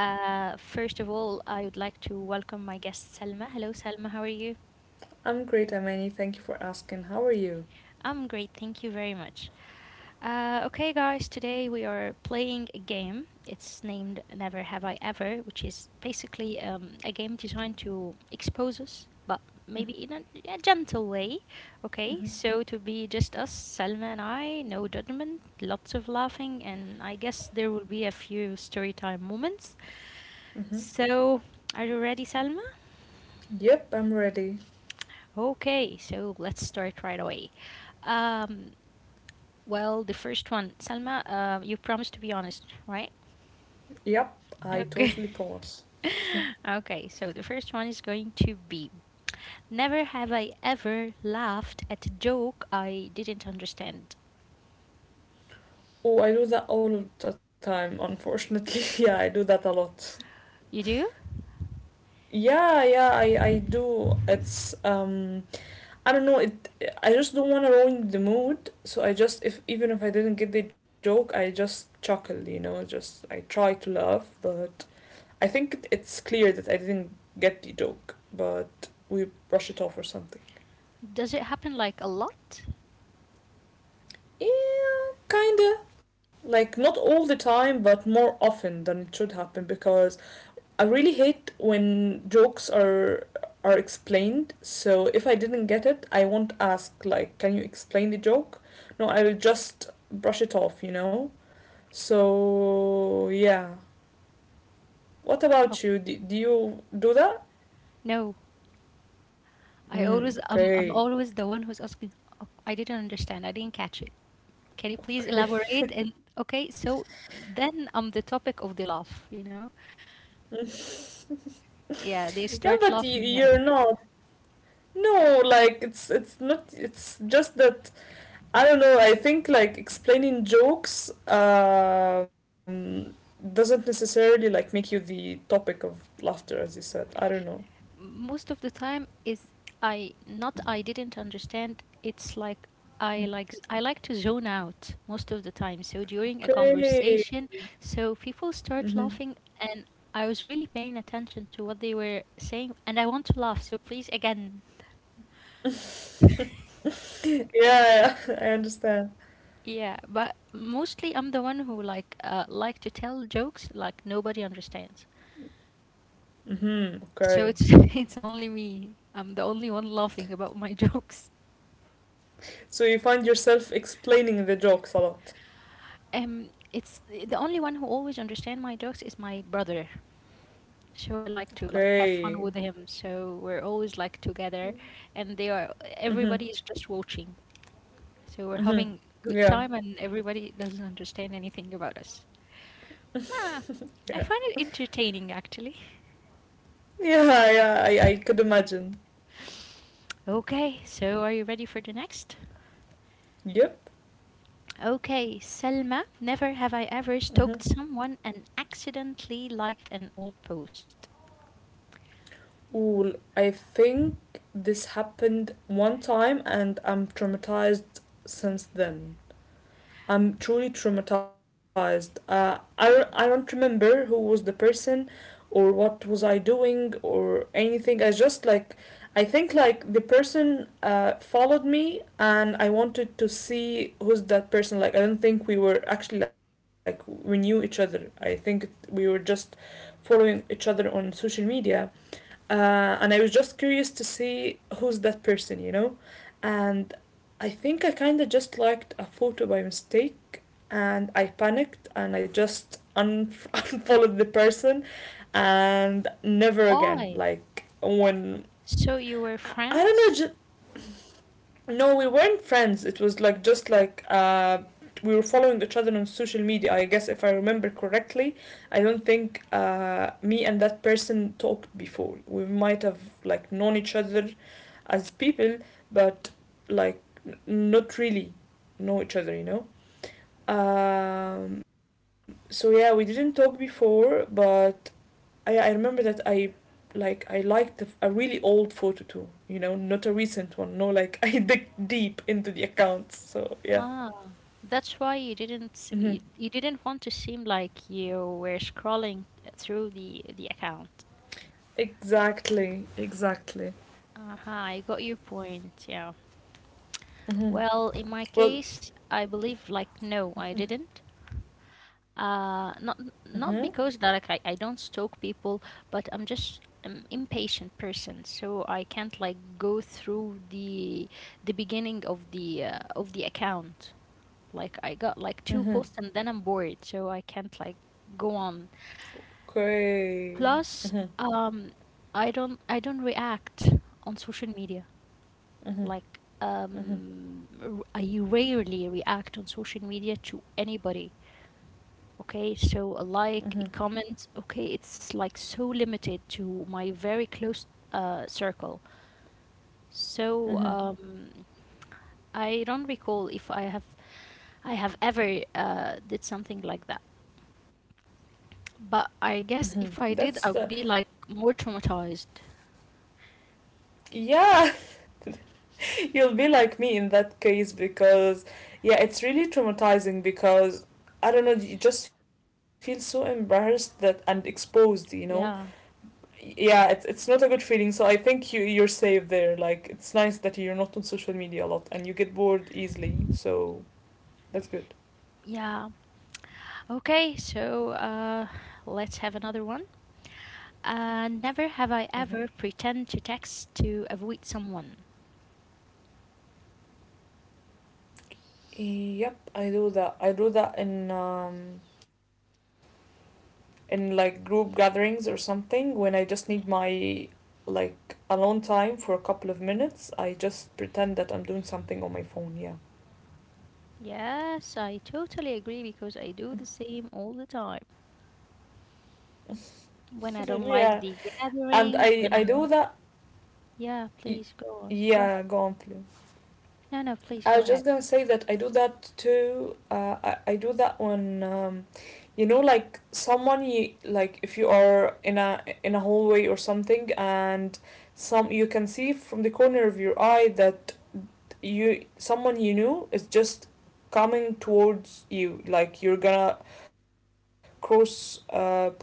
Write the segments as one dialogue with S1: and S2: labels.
S1: First of all, I would like to welcome my guest Selma. Hello, Selma, how are you?
S2: I'm great, Amani. Thank you for asking. How are you?
S1: I'm great, thank you very much. Okay, guys, today we are playing a game. It's named Never Have I Ever, which is basically a game designed to expose us, but maybe in a gentle way. Okay, so to be just us, Salma and I, no judgment, lots of laughing, and I guess there will be a few story time moments.
S2: Hmm.
S1: So, are you ready, Salma?
S2: Yep, I'm ready.
S1: Okay, so let's start right away. Um, well, the first one, Salma, you promised to be honest, right?
S2: Yep, I
S1: Okay.
S2: totally promise.
S1: Okay, so the first one is going to be: Never have I ever laughed at a joke I didn't understand.
S2: Oh, I do that all of the time, unfortunately. Yeah, I do that a lot.
S1: You do?
S2: Yeah, yeah, I do. It's. I don't know, it. I just don't wanna ruin the mood, so I just if even if I didn't get the joke, I just chuckle, you know, just I try to laugh, but I think it's clear that I didn't get the joke, but we brush it off or something.
S1: Does it happen like a lot?
S2: Yeah, kinda. Like, not all the time, but more often than it should happen because I really hate when jokes are explained. So if I didn't get it, I won't ask like, "Can you explain the joke?" No, I will just brush it off, you know? So, yeah. What
S1: Oh,
S2: about you? Do you do that?
S1: no. I
S2: Mm,
S1: always I'm
S2: okay.
S1: always the one who's asking, "Oh, I didn't understand. I didn't catch it. Can you please
S2: Okay.
S1: elaborate?" And okay, so then I'm the topic of the laugh, you know? Yeah, they
S2: Yeah, but
S1: start
S2: you,
S1: laughing, yeah.
S2: you're not. No, like it's not it's just that I don't know. I think like explaining jokes doesn't necessarily like make you the topic of laughter, as you said. I don't know.
S1: Most of the time is, I didn't understand. It's like I like to zone out most of the time. So during a
S2: Okay.
S1: conversation, so people
S2: Hmm.
S1: start laughing and I was really paying attention to what they were saying and I want to laugh. So please again.
S2: Yeah, yeah, I understand.
S1: Yeah, but mostly I'm the one who like to tell jokes like nobody understands.
S2: Hmm.
S1: So
S2: Okay.
S1: it's, it's only me. I'm the only one laughing about my jokes.
S2: So you find yourself explaining the jokes a lot.
S1: It's the only one who always understand my jokes is my brother. So I like to like have fun
S2: Okay.
S1: with him. So we're always like together, and they are,
S2: Hmm.
S1: everybody is just watching. So we're
S2: Hmm.
S1: having good
S2: Yeah.
S1: time, and everybody doesn't understand anything about us. Ah, I
S2: Yeah.
S1: find it entertaining actually.
S2: Yeah. Yeah, I could imagine.
S1: Okay, so are you ready for the next?
S2: Yep.
S1: Okay, Selma, never have I ever
S2: Hmm.
S1: stalked someone and accidentally liked an old post.
S2: Well, I think this happened one time and I'm traumatized since then. I'm truly traumatized. I don't remember who was the person or what was I doing or anything. I just like, I think like the person followed me and I wanted to see who's that person. Like, I don't think we were actually like, we knew each other. I think we were just following each other on social media uh, and I was just curious to see who's that person, you know. And I think I kind of just liked a photo by mistake, and I panicked and I just unfollowed the person, and never again.
S1: Why?
S2: Like when
S1: So you were
S2: I
S1: friends.
S2: don't know, no, we weren't friends. It was like just like we were following each other on social media. I guess if I remember correctly, I don't think me and that person talked before. We might have like known each other as people, but like n- not really know each other. You know. So yeah, we didn't talk before, but I remember that I like I liked a really old photo too. You know, not a recent one. No, like I dig deep into the accounts. So yeah.
S1: Ah, that's why you didn't you,
S2: Hmm.
S1: you didn't want to seem like you were scrolling through the account.
S2: Exactly. Exactly.
S1: Aha, I got your point. Yeah.
S2: Hmm.
S1: Well, in my
S2: Well.
S1: case, I believe like no, I didn't. Uh, not
S2: Hmm.
S1: not because that like, I don't stalk people, but I'm just an impatient person, so I can't like go through the beginning of the account. Like I got like two
S2: Hmm.
S1: posts and then I'm bored, so I can't like go on.
S2: Okay. Hmm. Hmm.
S1: Plus, I don't react on social media.
S2: Hmm.
S1: Like, I rarely react on social media to anybody. Okay, so a
S2: Hmm.
S1: like, a comment, okay, it's like so limited to my very close circle. So
S2: Hmm.
S1: I don't recall if I have ever did something like that. But I
S2: Hmm.
S1: guess if I
S2: That's
S1: did,
S2: the
S1: I'd be like more traumatized.
S2: yeah. You'll be like me in that case because, yeah, it's really traumatizing because I don't know, you just feel so embarrassed that and exposed, you know.
S1: Yeah,
S2: Yeah, it's not a good feeling. So I think you you're safe there. Like it's nice that you're not on social media a lot and you get bored easily. So that's good.
S1: yeah. Okay, so let's have another one. Never have
S2: Mm-hmm.
S1: I ever pretend to text to avoid someone.
S2: Yep, I do that. I do that in in like group gatherings or something when I just need my like alone time for a couple of minutes. I just pretend that I'm doing something on my phone, yeah.
S1: Yes, I totally agree because I do the same all the time.
S2: Yeah,
S1: When I don't like the
S2: and I do
S1: gathering, when
S2: that,
S1: I want. Yeah, please go on.
S2: yeah
S1: Go
S2: go
S1: ahead.
S2: on please.
S1: No, no, please
S2: I was
S1: go
S2: just
S1: ahead.
S2: gonna say that I do that too, I do that when. You know like someone you like if you are in a hallway or something and some you can see from the corner of your eye that you someone you knew is just coming towards you like you're gonna cross paths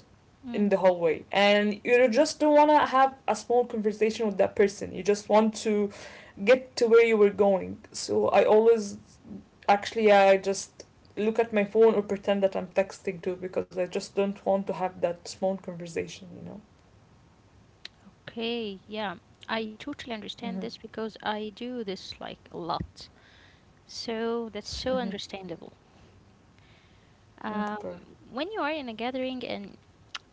S2: in the
S1: Mm.
S2: hallway and you just don't want to have a small conversation with that person, you just want to get to where you were going, so I always actually I just look at my phone or pretend that I'm texting too because I just don't want to have that small conversation, you know.
S1: Okay, yeah. I totally understand
S2: Mm-hmm.
S1: this because I do this like a lot. So that's so
S2: Mm-hmm.
S1: understandable. Um,
S2: Okay.
S1: when you are in a gathering and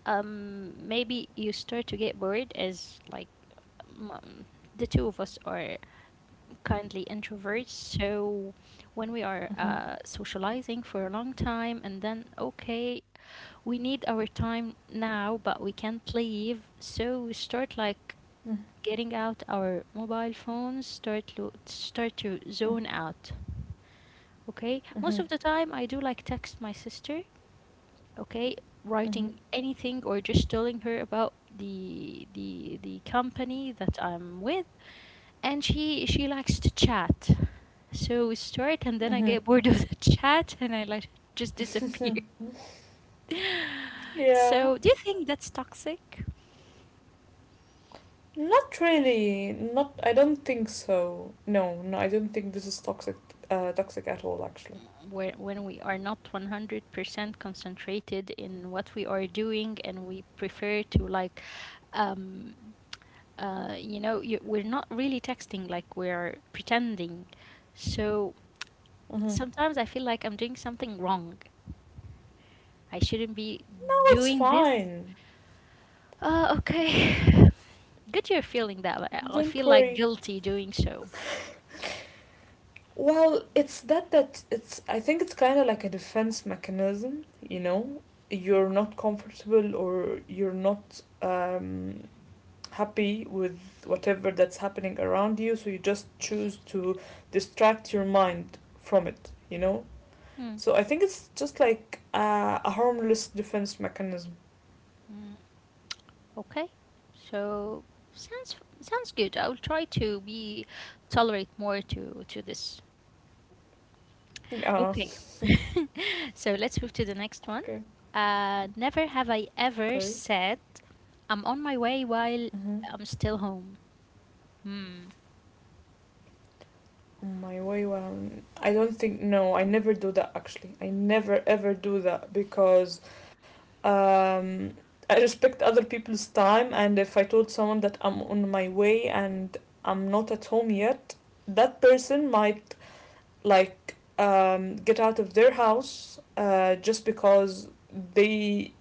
S1: um, maybe you start to get bored as like, um, the two of us are kindly introverts, so when we are
S2: Mm-hmm.
S1: socializing for a long time and then okay, we need our time now but we can't leave, so we start like
S2: Mm-hmm.
S1: getting out our mobile phones, start to zone out. Okay, most
S2: Mm-hmm.
S1: of the time I do like text my sister, okay,
S2: Mm-hmm.
S1: writing anything or just telling her about the company that I'm with, and she likes to chat, so we start and then I
S2: Hmm.
S1: get bored of the chat and I like just disappear.
S2: Yeah,
S1: So do you think that's toxic,
S2: not really. Not. I don't think so. No, no. I don't think this is toxic. Toxic at all, actually.
S1: where when we are not 100% concentrated in what we are doing and we prefer to like, um, you know we're not really texting like we're pretending, so
S2: Hmm.
S1: sometimes I feel like I'm doing something wrong. I shouldn't be
S2: No, it's
S1: doing this.
S2: fine.
S1: Okay. Good you're feeling that, but I
S2: Don't
S1: feel like
S2: worry.
S1: guilty doing so.
S2: Well, it's that that it's. I think it's kind of like a defense mechanism. You know, you're not comfortable or you're not happy with whatever that's happening around you, so you just choose to distract your mind from it. You know,
S1: Hmm.
S2: so I think it's just like a harmless defense mechanism.
S1: Hmm, okay. So sounds sounds good. I will try to be tolerate more to this.
S2: Yeah.
S1: Okay. So let's move to the next one.
S2: Okay.
S1: Never have I
S2: Okay.
S1: ever said I'm on my way while
S2: Mm-hmm.
S1: I'm still home. Hmm.
S2: My way when I don't think no, I never do that actually. I never ever do that because um, I respect other people's time, and if I told someone that I'm on my way and I'm not at home yet, that person might like get out of their house just because they.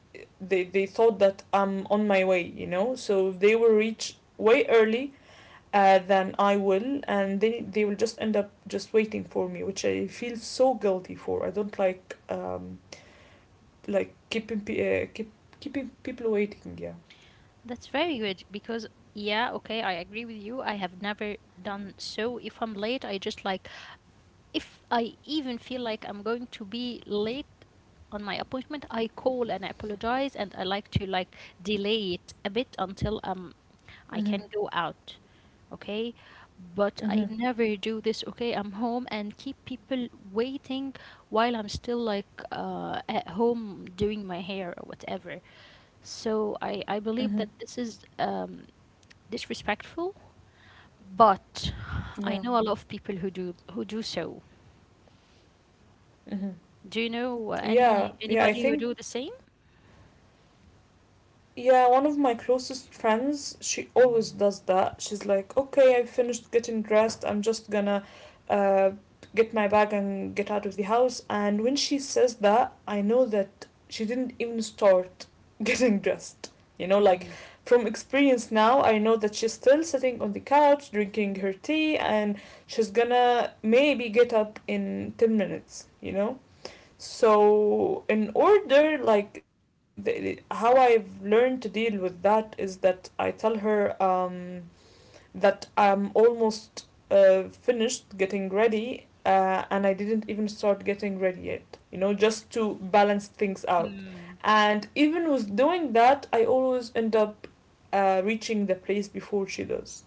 S2: They thought that I'm on my way, you know. So they will reach way early than I will, and they will just end up just waiting for me, which I feel so guilty for. I don't like. Like keeping pe- keep keeping people waiting. Yeah.
S1: That's very good because yeah, okay, I agree with you. I have never done so. If I'm late, I just like, if I even feel like I'm going to be late on my appointment, I call and I apologize and I like to like delay it a bit until I can
S2: Mhm.
S1: go out, okay? But I
S2: Mhm.
S1: never do this. Okay, I'm home and keep people waiting while I'm still like at home doing my hair or whatever. So I believe
S2: Mhm.
S1: that this is disrespectful, but I
S2: Yeah.
S1: know a lot of people who do so.
S2: Mhm.
S1: Do you know
S2: Yeah. Yeah. I
S1: anybody who
S2: think
S1: do the same?
S2: yeah, one of my closest friends, she always does that. She's like, okay, I finished getting dressed. I'm just gonna uh, get my bag and get out of the house. And when she says that, I know that she didn't even start getting dressed. You know, like
S1: Mhm.
S2: from experience now, I know that she's still sitting on the couch drinking her tea and she's gonna maybe get up in 10 minutes, you know? So, in order, like, the, how I've learned to deal with that is that I tell her that I'm almost finished getting ready and I didn't even start getting ready yet, you know, just to balance things out.
S1: Um,
S2: And even with doing that, I always end up reaching the place before she does.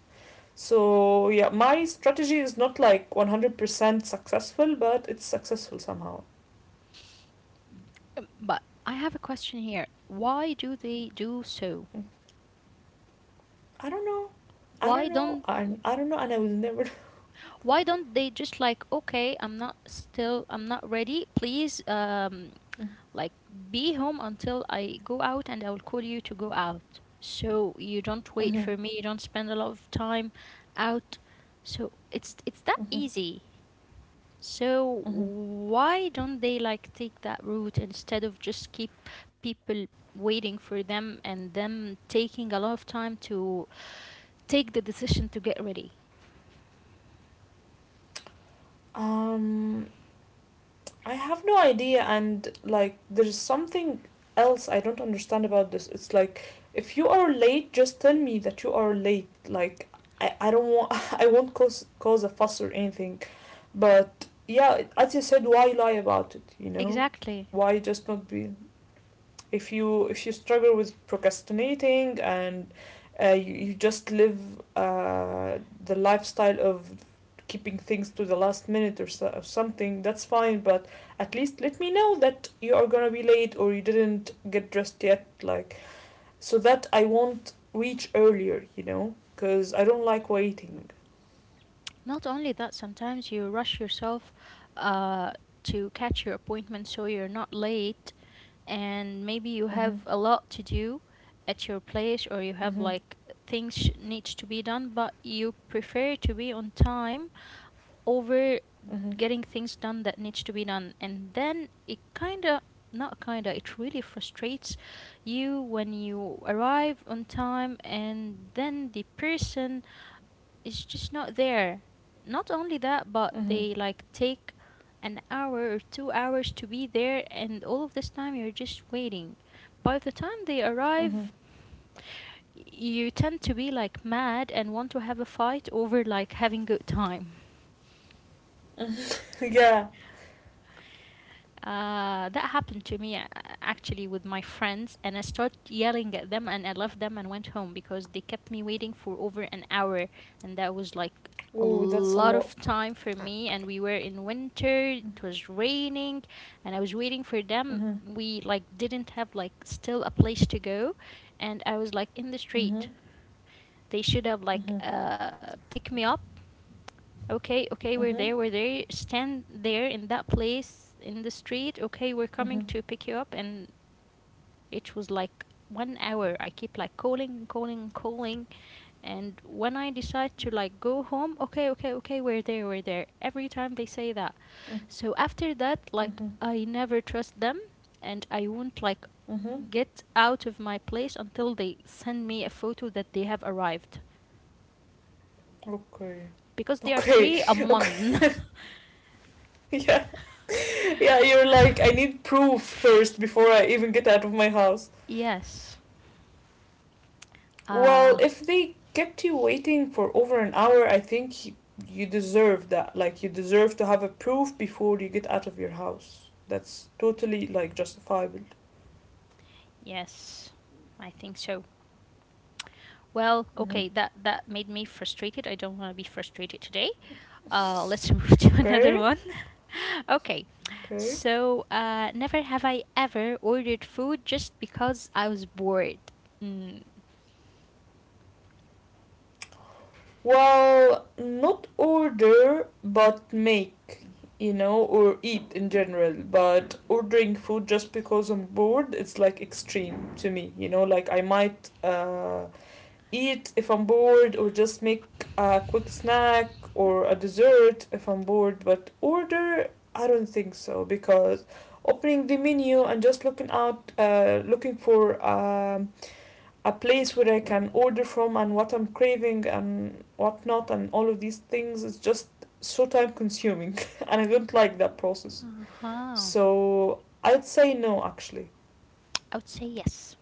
S2: So, yeah, my strategy is not like 100% successful, but it's successful somehow.
S1: but I have a question here: why do they do so?
S2: I don't know. I don't
S1: Why
S2: know.
S1: don't
S2: I don't know, and I will never.
S1: why don't they just like, okay, I'm not still, I'm not ready. Please, like be home until I go out and I will call you to go out. So you don't wait
S2: Mhm,
S1: for me, you don't spend a lot of time out. So it's that
S2: mhm,
S1: easy. So
S2: mhm.
S1: why don't they like take that route instead of just keep people waiting for them and them taking a lot of time to take the decision to get ready?
S2: Um, I have no idea, and like, there's something else I don't understand about this. It's like, if you are late, just tell me that you are late. Like, I don't want. I won't cause a fuss or anything. But yeah, as you said, why lie about it? You know,
S1: Exactly.
S2: why just not be if you struggle with procrastinating and you just live uh, the lifestyle of keeping things to the last minute or, so, or something, that's fine but at least let me know that you are gonna be late or you didn't get dressed yet, like so that I won't reach earlier, you know, because I don't like waiting.
S1: Not only that, sometimes you rush yourself uh, to catch your appointment so you're not late, and maybe you
S2: Mm-hmm,
S1: have a lot to do at your place or you have
S2: mm-hmm,
S1: like things needs to be done but you prefer to be on time over
S2: mm-hmm,
S1: getting things done that needs to be done, and then it kind of not kind of it really frustrates you when you arrive on time and then the person is just not there. Not only that, but
S2: mm-hmm,
S1: they like take an hour or 2 hours to be there, and all of this time you're just waiting. By the time they
S2: mm-hmm.
S1: arrive, you tend to be like mad and want to have a fight over like having good time.
S2: Mm-hmm. Yeah,
S1: That happened to me actually with my friends, and I started yelling at them, and I left them and went home because they kept me waiting for over an hour, and that was like a
S2: oh that's a
S1: lot
S2: lot.
S1: of time for me. And we were in winter; it was raining, and I was waiting for them.
S2: Mm-hmm,
S1: We like didn't have like still a place to go, and I was like in the
S2: mm-hmm,
S1: street. They should have like
S2: mm-hmm,
S1: pick me up. Okay, okay, we're
S2: mm-hmm.
S1: there, we're there. Stand there in that place in the street. Okay, we're
S2: Mm-hmm.
S1: coming to pick you up. And it was like 1 hour. I keep like calling and calling and calling. And when I decide to like go home, okay, okay, okay, we're there, we're there. Every time they say that. So after that, like,
S2: Mm-hmm.
S1: I never trust them and I won't like
S2: Mm-hmm.
S1: get out of my place until they send me a photo that they have arrived.
S2: Okay.
S1: Because they are
S2: Okay.
S1: three, I'm
S2: Okay.
S1: one.
S2: Yeah. Yeah, you're like, I need proof first before I even get out of my house.
S1: Yes.
S2: Well,
S1: Uh,
S2: if they kept you waiting for over an hour, I think you deserve that. Like, you deserve to have a proof before you get out of your house. That's totally, like, justifiable.
S1: yes, I think so. Well,
S2: Mm-hmm.
S1: okay, that that made me frustrated. I don't want to be frustrated today. Let's move to another
S2: Okay.
S1: one. Okay,
S2: Okay.
S1: so never have I ever ordered food just because I was bored. Mm,
S2: Well, not order, but make, you know, or eat in general. But ordering food just because I'm bored, it's like extreme to me, you know, like I might eat if I'm bored, or just make a quick snack or a dessert if I'm bored. But order, I don't think so because opening the menu and just looking out, looking for a place where I can order from and what I'm craving and whatnot and all of these things is just so time consuming and I don't like that process.
S1: uh-huh.
S2: So I'd say no actually.
S1: I would say yes,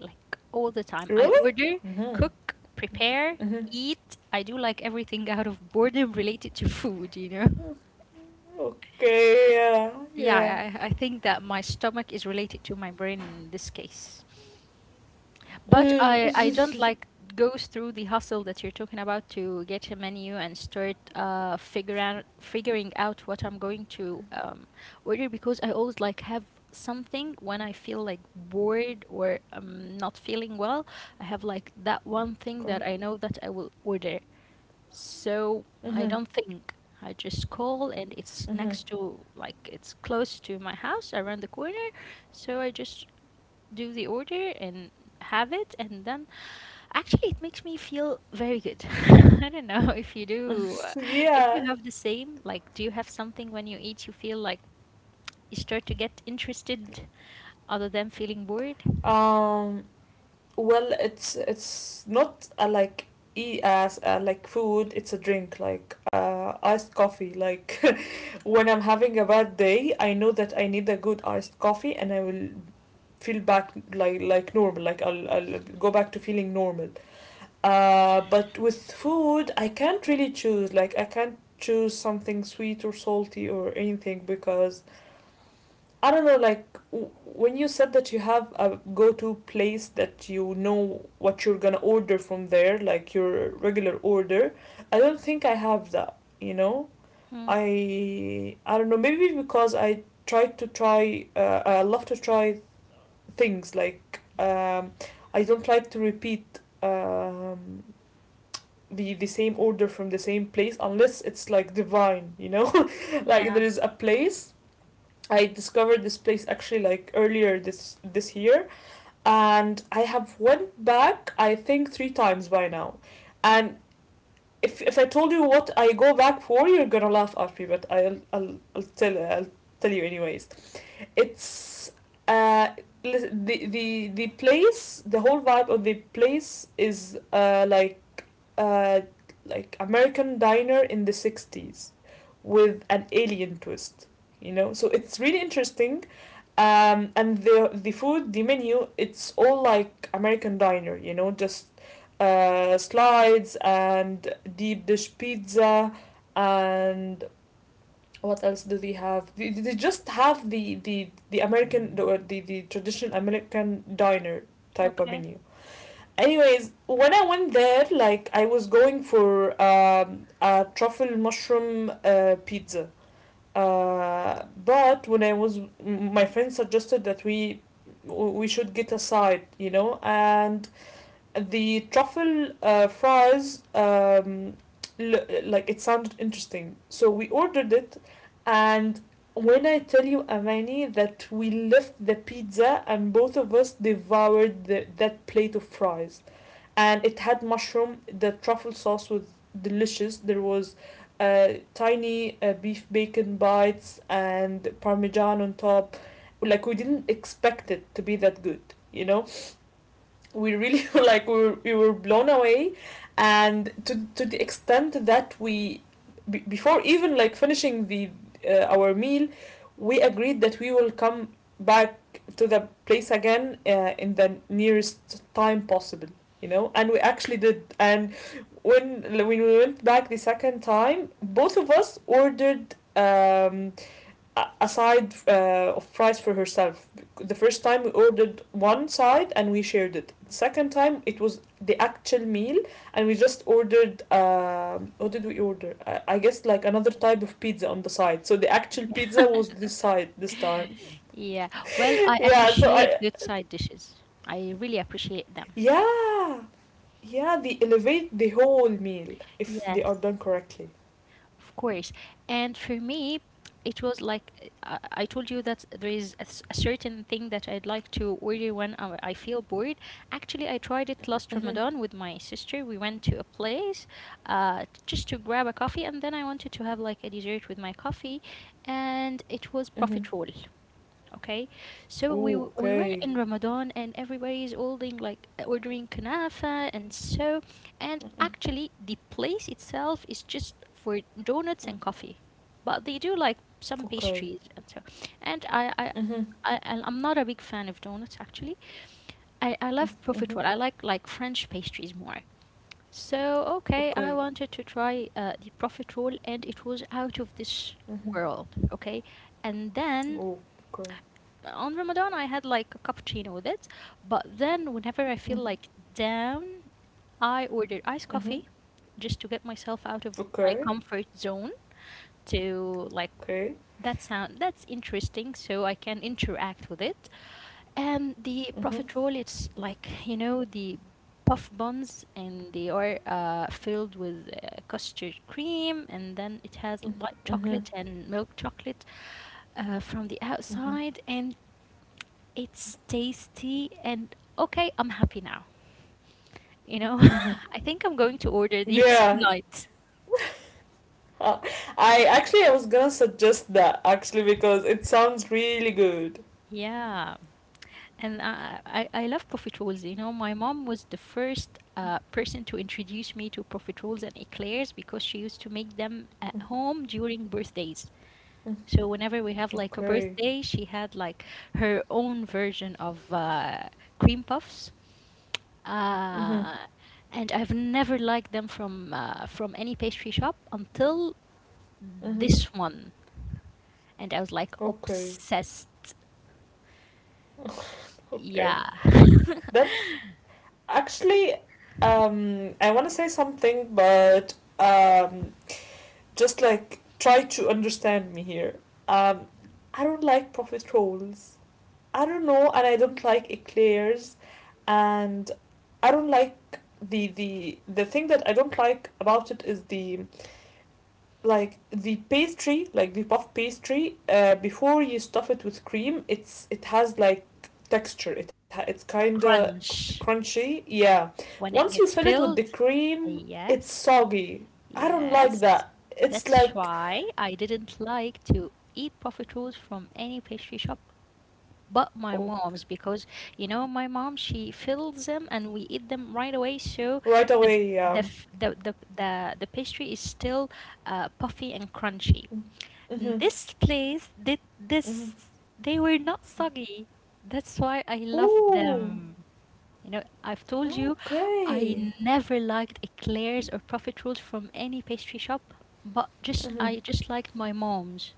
S1: like all the time. I
S2: Really?
S1: order,
S2: Mm-hmm.
S1: cook, prepare,
S2: Mm-hmm.
S1: eat. I do like everything out of boredom related to food, you know?
S2: Okay, yeah,
S1: Yeah,
S2: yeah.
S1: I think that my stomach is related to my brain in this case. But I don't
S2: Mm.
S1: like goes through the hustle that you're talking about to get a menu and start figure figuring out what I'm going to order, because I always like have something when I feel like bored or I'm not feeling well. I have like that one thing that
S2: Okay.
S1: I know that I will order. So I
S2: Mm-hmm.
S1: don't think. I just call and it's
S2: Mm-hmm.
S1: next to like it's close to my house around the corner. So I just do the order and have it and then actually, it makes me feel very good. I don't know if you do. If
S2: Yeah.
S1: you have the same, like, do you have something when you eat you feel like you start to get interested other than feeling bored?
S2: Um well it's not a like e as a like food it's a drink like iced coffee like when I'm having a bad day I know that I need a good iced coffee and I will feel back like normal like I'll go back to feeling normal but with food I can't really choose like I can't choose something sweet or salty or anything because I don't know, like when you said that you have a go-to place that you know what you're gonna order from there, like your regular order. I don't think I have that. You know,
S1: Hmm.
S2: I don't know. Maybe because I try to try. I love to try things. Like I don't like to repeat the same order from the same place unless it's like divine. Like
S1: Yeah.
S2: there is a place I discovered this place actually like earlier this year and I have went back I think three times by now. And if I told you what I go back for you're gonna laugh at me but I'll tell you anyways. It's uh the place. The whole vibe of the place is uh like American diner in the 60s with an alien twist, so it's really interesting. And the food, the menu, it's all like American diner, just slides and deep dish pizza. And what else do they have? They just have the American, the traditional American diner type of
S1: Okay.
S2: menu. Anyways, when I went there, like, I was going for a truffle mushroom pizza, but my friend suggested that we should get a side, and the truffle fries, like, it sounded interesting. So we ordered it, and when I tell you, Amani, that we left the pizza and both of us devoured that plate of fries, and it had mushroom. The truffle sauce was delicious. There was uh, tiny beef bacon bites and parmesan on top. Like, we didn't expect it to be that good, you know we really, like, we were blown away, and to the extent that we before even like finishing the our meal, we agreed that we will come back to the place again, in the nearest time possible, and we actually did. And when we went back the second time, both of us ordered Aside, a of fries for herself. The first time we ordered one side and we shared it. Second time it was the actual meal, and we just ordered what did we order? I guess like another type of pizza on the side. So the actual pizza was this side this time.
S1: Yeah. Well, I
S2: Yeah. So I
S1: appreciate good side dishes. I really appreciate them.
S2: yeah, yeah, they elevate the whole meal if they are
S1: Yes.
S2: done correctly.
S1: Of course. And for me, it was like I told you that there is a certain thing that I'd like to order when I feel bored. Actually, I tried it last
S2: Mhm.
S1: Ramadan with my sister. We went to a place just to grab a coffee, and then I wanted to have like a dessert with my coffee, and it was
S2: Mhm.
S1: profiterole. Okay, so we
S2: Oh,
S1: w- we were
S2: okay.
S1: in Ramadan and everybody is holding like ordering kanafa and so, and actually the place itself is just for donuts and coffee, but they do like some
S2: Okay.
S1: pastries and so. And I I,
S2: Mhm.
S1: I I- I'm not a big fan of donuts actually. I love
S2: Mhm.
S1: profiterole. I like French pastries more. So okay, I
S2: Okay.
S1: wanted to try the profiterole and it was out of this
S2: Mhm.
S1: world. Okay, and then
S2: Oh, okay.
S1: on Ramadan I had like a cappuccino with it, but then whenever I feel
S2: Mhm.
S1: like down, I order iced
S2: Mhm.
S1: coffee just to get myself out of my
S2: Okay.
S1: comfort zone to like
S2: Okay.
S1: that sound that's interesting so I can interact with it. And the
S2: Mhm.
S1: profit roll it's like the puff buns and they are filled with custard cream and then it has
S2: Mhm.
S1: white
S2: Mhm.
S1: chocolate and milk chocolate from the
S2: Mhm.
S1: outside and it's tasty and okay, I'm happy now. You know,
S2: Mhm.
S1: I think I'm going to order these
S2: Yeah.
S1: tonight.
S2: Uh, I actually I was gonna suggest that, actually, because it sounds really good.
S1: Yeah, and I love profiteroles. You know, my mom was the first person to introduce me to profiteroles and eclairs because she used to make them at home during birthdays.
S2: Mhm.
S1: So whenever we have like a
S2: Okay.
S1: birthday, she had like her own version of cream puffs.
S2: Mhm.
S1: Uh, and I've never liked them from any pastry shop until
S2: Mhm.
S1: this one. And I was like
S2: Okay.
S1: obsessed.
S2: Okay.
S1: Yeah.
S2: That's actually, I want to say something, but just like try to understand me here. Um I don't like profiterolles. I don't know, and I don't like eclairs, and I don't like, the thing that I don't like about it is the like the pastry, like the puff pastry. Before you stuff it with cream, it has like texture. It's kinda
S1: Crunch.
S2: crunchy. Yeah.
S1: When
S2: Once
S1: it
S2: you
S1: gets
S2: fill it with the
S1: filled.
S2: cream, it's
S1: Yes.
S2: soggy. I don't like
S1: Yes.
S2: that. It's
S1: That's
S2: like,
S1: why I didn't like to eat profit rolls from any pastry shop but my
S2: oh,
S1: mom's because you know my mom she fills them and we eat them right away so
S2: right
S1: the
S2: away.
S1: the f- the pastry is still puffy and crunchy.
S2: Mm-hmm,
S1: This place did this.
S2: mm-hmm.
S1: They were not soggy. That's why I love
S2: Ooh.
S1: them. You know, I've told you I
S2: Okay.
S1: never liked eclairs or profit rolls from any pastry shop, but just I
S2: Mm-hmm.
S1: just like my mom's,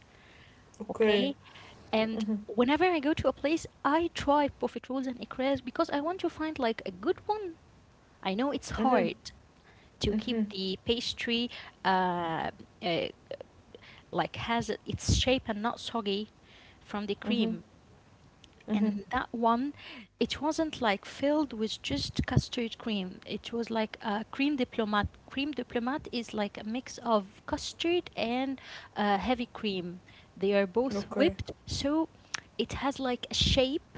S1: okay?
S2: Okay.
S1: And
S2: Mm-hmm.
S1: whenever I go to a place, I try profit rolls and eclairs because I want to find like a good one. I know it's
S2: Mm-hmm.
S1: hard to keep
S2: Mhm.
S1: the pastry uh, uh, like has its shape and not soggy from the cream.
S2: Mhm.
S1: And
S2: Mhm.
S1: that one, it wasn't like filled with just custard cream. It was like a cream diplomat. Cream diplomat is like a mix of custard and heavy cream. They are both
S2: Okay.
S1: whipped, so it has like a shape,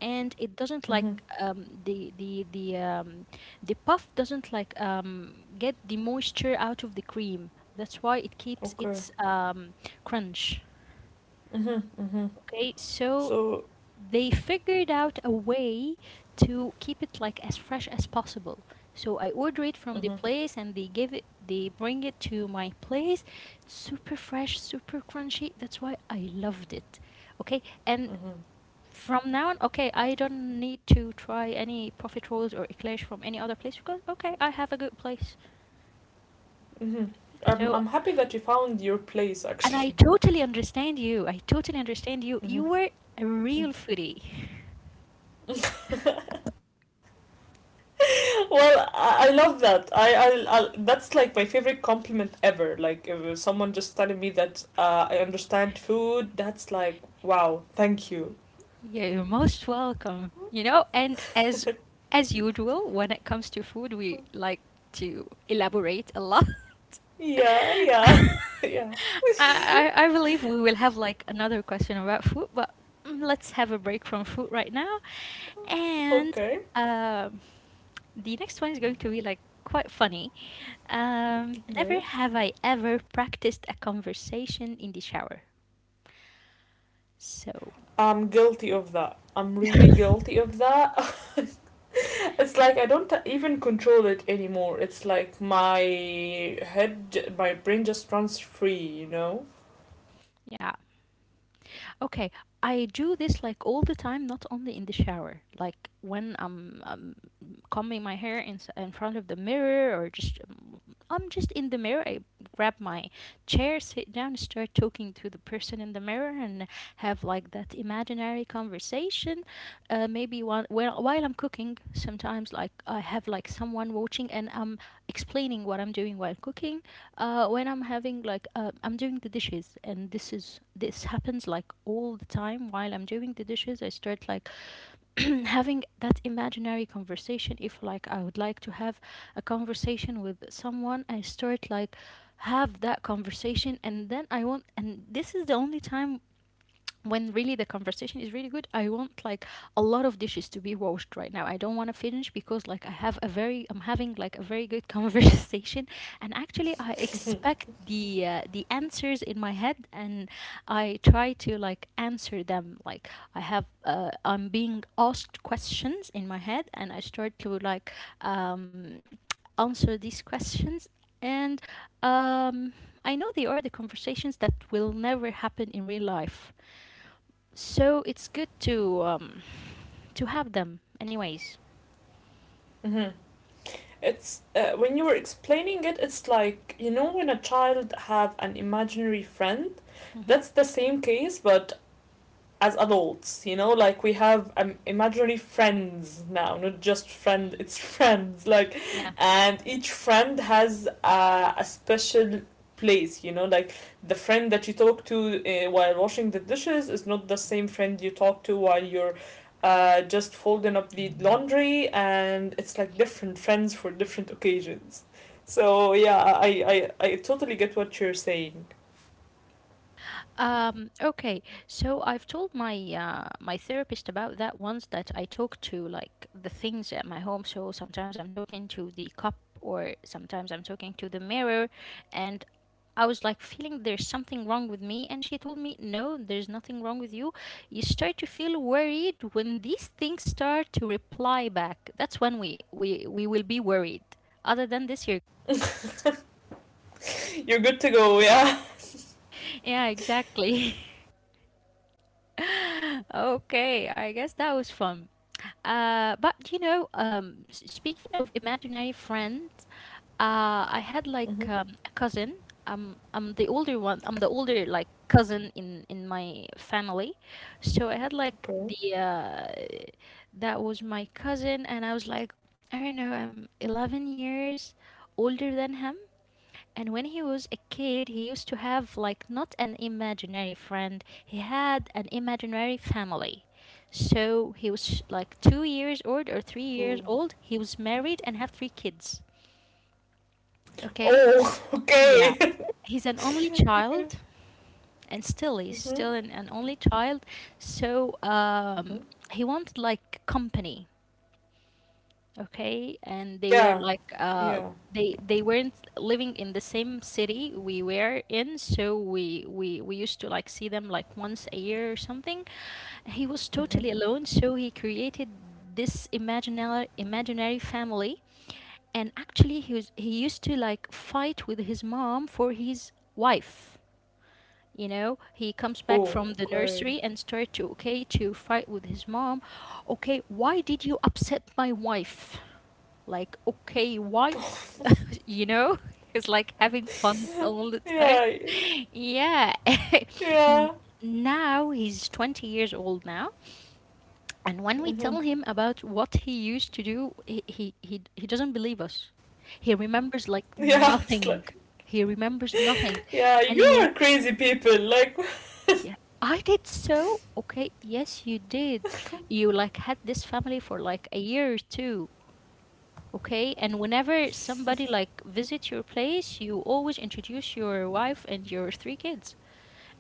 S1: and it
S2: Mhm.
S1: doesn't like um, the the the um, the puff doesn't like get the moisture out of the cream. That's why it keeps
S2: Okay.
S1: its crunch.
S2: Mhm. Mhm.
S1: Okay, so
S2: So.
S1: they figured out a way to keep it like as fresh as possible. So I order it
S2: Mhm.
S1: from the place and they bring it to my place. It's super fresh, super crunchy. That's why I loved it. Okay, and
S2: Mhm.
S1: from now on, okay, I don't need to try any profit rolls or eclairs from any other place because okay, I have a good place.
S2: Mhm. I'm
S1: So
S2: I'm happy that you found your place,
S1: and I
S2: actually.
S1: totally understand you. I totally understand you. You
S2: Mhm.
S1: were a
S2: Mm.
S1: real foodie.
S2: Well, I love that. I That's like my favorite compliment ever. Like, if someone just telling me that, I understand food, that's like, wow, thank you.
S1: Yeah, you're most welcome. You know, and as usual, when it comes to food, we like to elaborate a lot.
S2: Yeah,
S1: I,
S2: yeah. Yeah.
S1: I believe we will have like another question about food, but let's have a break from food right now. And
S2: Okay.
S1: um, the next one is going to be like quite funny. Never
S2: Okay.
S1: have I ever practiced a conversation in the shower. So,
S2: I'm guilty of that. I'm really guilty of that. It's like I don't even control it anymore. It's like my head, my brain just runs free, you know?
S1: yeah, okay, I do this like all the time, not only in the shower. Like when I'm, combing my hair in front of the mirror or just I'm just in the mirror. I grab my chair, sit down, start talking to the person in the mirror, and have like that imaginary conversation. Maybe while I'm cooking, sometimes like I have like someone watching, and I'm explaining what I'm doing while cooking. When I'm having like I'm doing the dishes, and this happens like all the time while I'm doing the dishes. I start like having that imaginary conversation if like I would like to have a conversation with someone I start like have that conversation, and then I want, and this is the only time when really the conversation is really good, I want like a lot of dishes to be washed right now. I don't want to finish because like I'm having like a very good conversation, and actually I expect the answers in my head, and I try to like answer them like I'm being asked questions in my head and I start to like um, answer these questions, and um, I know they are the conversations that will never happen in real life, so it's good to have them anyways.
S2: Mhm. It's when you were explaining it, it's like, you know, when a child have an imaginary friend. That's
S1: Mm-hmm.
S2: the same case, but as adults, like, we have imaginary friends now, not just friend, it's friends, like,
S1: Yeah.
S2: and each friend has a special place, like, the friend that you talk to while washing the dishes is not the same friend you talk to while you're just folding up the laundry, and it's like different friends for different occasions. So yeah, I totally get what you're saying.
S1: Okay, so I've told my therapist about that once that I talk to like the things at my home. So sometimes I'm talking to the cup, or sometimes I'm talking to the mirror, and I was like feeling there's something wrong with me, and she told me no, there's nothing wrong with you. You start to feel worried when these things start to reply back. That's when we will be worried. Other than this, you're.
S2: You're good to go, yeah.
S1: Yeah, exactly. Okay, I guess that was fun. But
S2: Yeah.
S1: speaking of imaginary friends, I had like
S2: Mm-hmm.
S1: a cousin. I'm the older one. I'm the older like cousin in my family, so I had like the
S2: Okay.
S1: that was my cousin, and I was like, I don't know, I'm 11 years older than him, and when he was a kid, he used to have like not an imaginary friend, he had an imaginary family. So he was like 2 years old or
S2: Cool.
S1: 3 years old. He was married and have three kids. Okay?
S2: Oh,
S1: Yeah.
S2: okay.
S1: He's an only
S2: Mm-hmm.
S1: child and still he's still an only child. So
S2: Mm-hmm.
S1: he wanted like company. Okay, and they were
S2: Yeah.
S1: like uh
S2: Yeah.
S1: they they weren't living in the same city we were in, so we used to like see them like once a year or something. He was totally
S2: Mm-hmm.
S1: alone, so he created this imaginary family, and actually he used to like fight with his mom for his wife. You know, he comes back
S2: Oh,
S1: from the
S2: okay.
S1: nursery and start to, okay, to fight with his mom. Okay, why did you upset my wife? Like, okay, why? You know, it's like having
S2: yeah.
S1: fun all the
S2: Yeah.
S1: time. Yeah.
S2: Yeah.
S1: And now he's 20 years old now. And when we
S2: Mm-hmm.
S1: tell him about what he used to do, he doesn't believe us. He remembers like
S2: Yeah. It's
S1: nothing.
S2: like,
S1: He remembers nothing.
S2: yeah,
S1: And
S2: you
S1: he,
S2: are crazy people. Like,
S1: yeah, I did so. Okay, yes, you did. You like had this family for like a year or two. Okay, and whenever somebody like visits your place, you always introduce your wife and your three kids.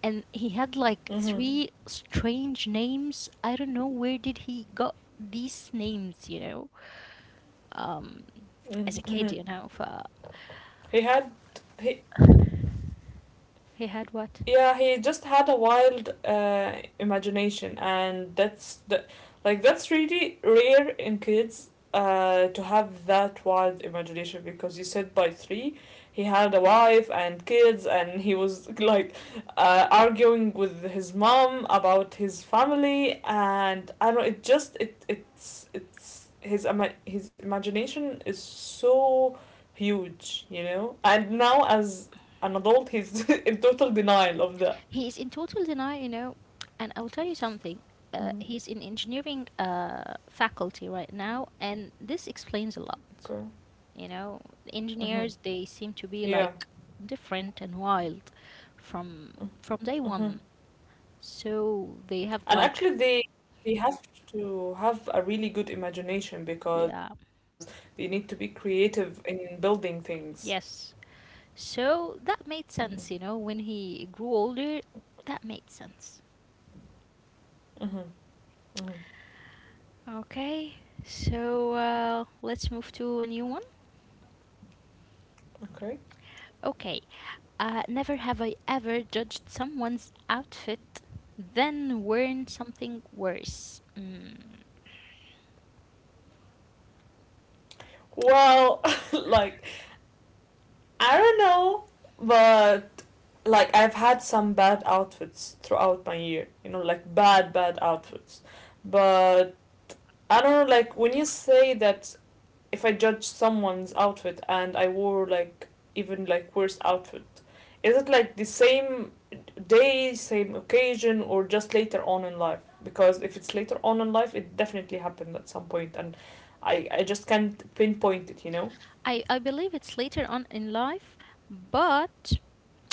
S1: And he had like
S2: mm-hmm.
S1: three strange names. I don't know where did he got these names, you know, um,
S2: Mm-hmm.
S1: as a kid. For
S2: he had he
S1: he had what?
S2: Yeah, he just had a wild imagination, and like, that's really rare in kids, to have that wild imagination, because you said by three he had a wife and kids, and he was like, arguing with his mom about his family, and I don't know, it just, it it's his ima- his imagination is so huge, you know, and now as an adult he's in total denial of that.
S1: He is in total denial, you know. And I will tell you something.
S2: Hmm.
S1: He's in engineering faculty right now, and this explains a lot.
S2: Okay.
S1: You know,
S2: Hmm.
S1: engineers they seem to be
S2: Yeah.
S1: like different and wild from from day
S2: Hmm.
S1: one. So they have
S2: And
S1: like.
S2: actually, they have to have a really good imagination, because
S1: Yeah,
S2: they need to be creative in building things.
S1: yes. So that made
S2: Mm-hmm.
S1: sense, you know, when he grew older, that made sense.
S2: Mm-hmm. Mm-hmm.
S1: Okay. So let's move to a new one.
S2: Okay.
S1: Okay. Never have I ever judged someone's outfit then worn something worse. Mm.
S2: Well, like, I don't know, but like, I've had some bad outfits throughout my year. You know, like, bad, bad outfits. But I don't know, like, when you say that, if I judge someone's outfit and I wore like even like worse outfit, is it like the same day, same occasion, or just later on in life? Because if it's later on in life, it definitely happened at some point, and I just can't pinpoint it. You know.
S1: I believe it's later on in life, but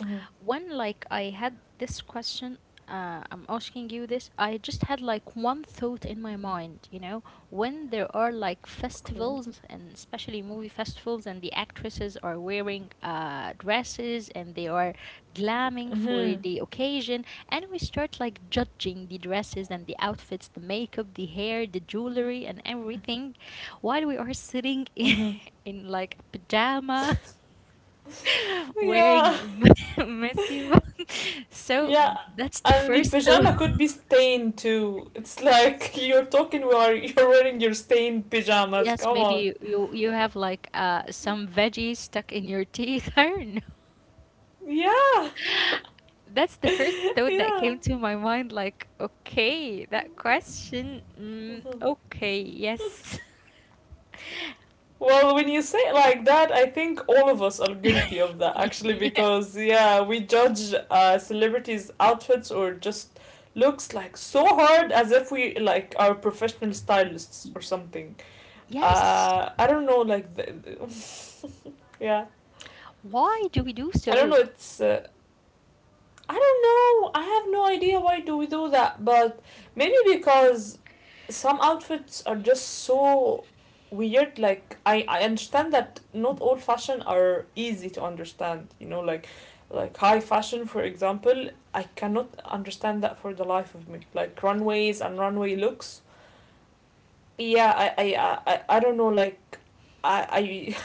S2: Mm-hmm.
S1: when like I had this question, I'm asking you this, I just had like one thought in my mind, when there are like
S2: Okay.
S1: festivals and especially movie festivals and the actresses are wearing dresses and they are glamming for
S2: Mhm.
S1: the occasion and we start like judging the dresses and the outfits, the makeup, the hair, the jewelry and everything while we are sitting in
S2: Mhm.
S1: in like a pajama
S2: Yeah.
S1: wearing messy one. So
S2: Yeah.
S1: that's the
S2: And the
S1: first thought.
S2: pajama could be stained too. It's like, you're talking while you're wearing your stained pajamas.
S1: Yes,
S2: Come on.
S1: maybe you have like some veggies stuck in your teeth. I don't know.
S2: Yeah.
S1: That's the first thought that
S2: Yeah.
S1: came to my mind. Like, okay, that question. Okay, yes.
S2: Well, when you say it like that, I think all of us are guilty of that, actually,
S1: Yeah.
S2: because yeah, we judge celebrities' outfits or just looks like so hard as if we like are professional stylists or something.
S1: Yes.
S2: I don't know, like, the yeah,
S1: Why do we do
S2: I don't
S1: so?
S2: know. It's I don't know. I have no idea why do we do that, but maybe because some outfits are just so weird. Like, I understand that not all fashion are easy to understand. You know, like, high fashion, for example. I cannot understand that for the life of me. Like, runways and runway looks, yeah, I don't know, like,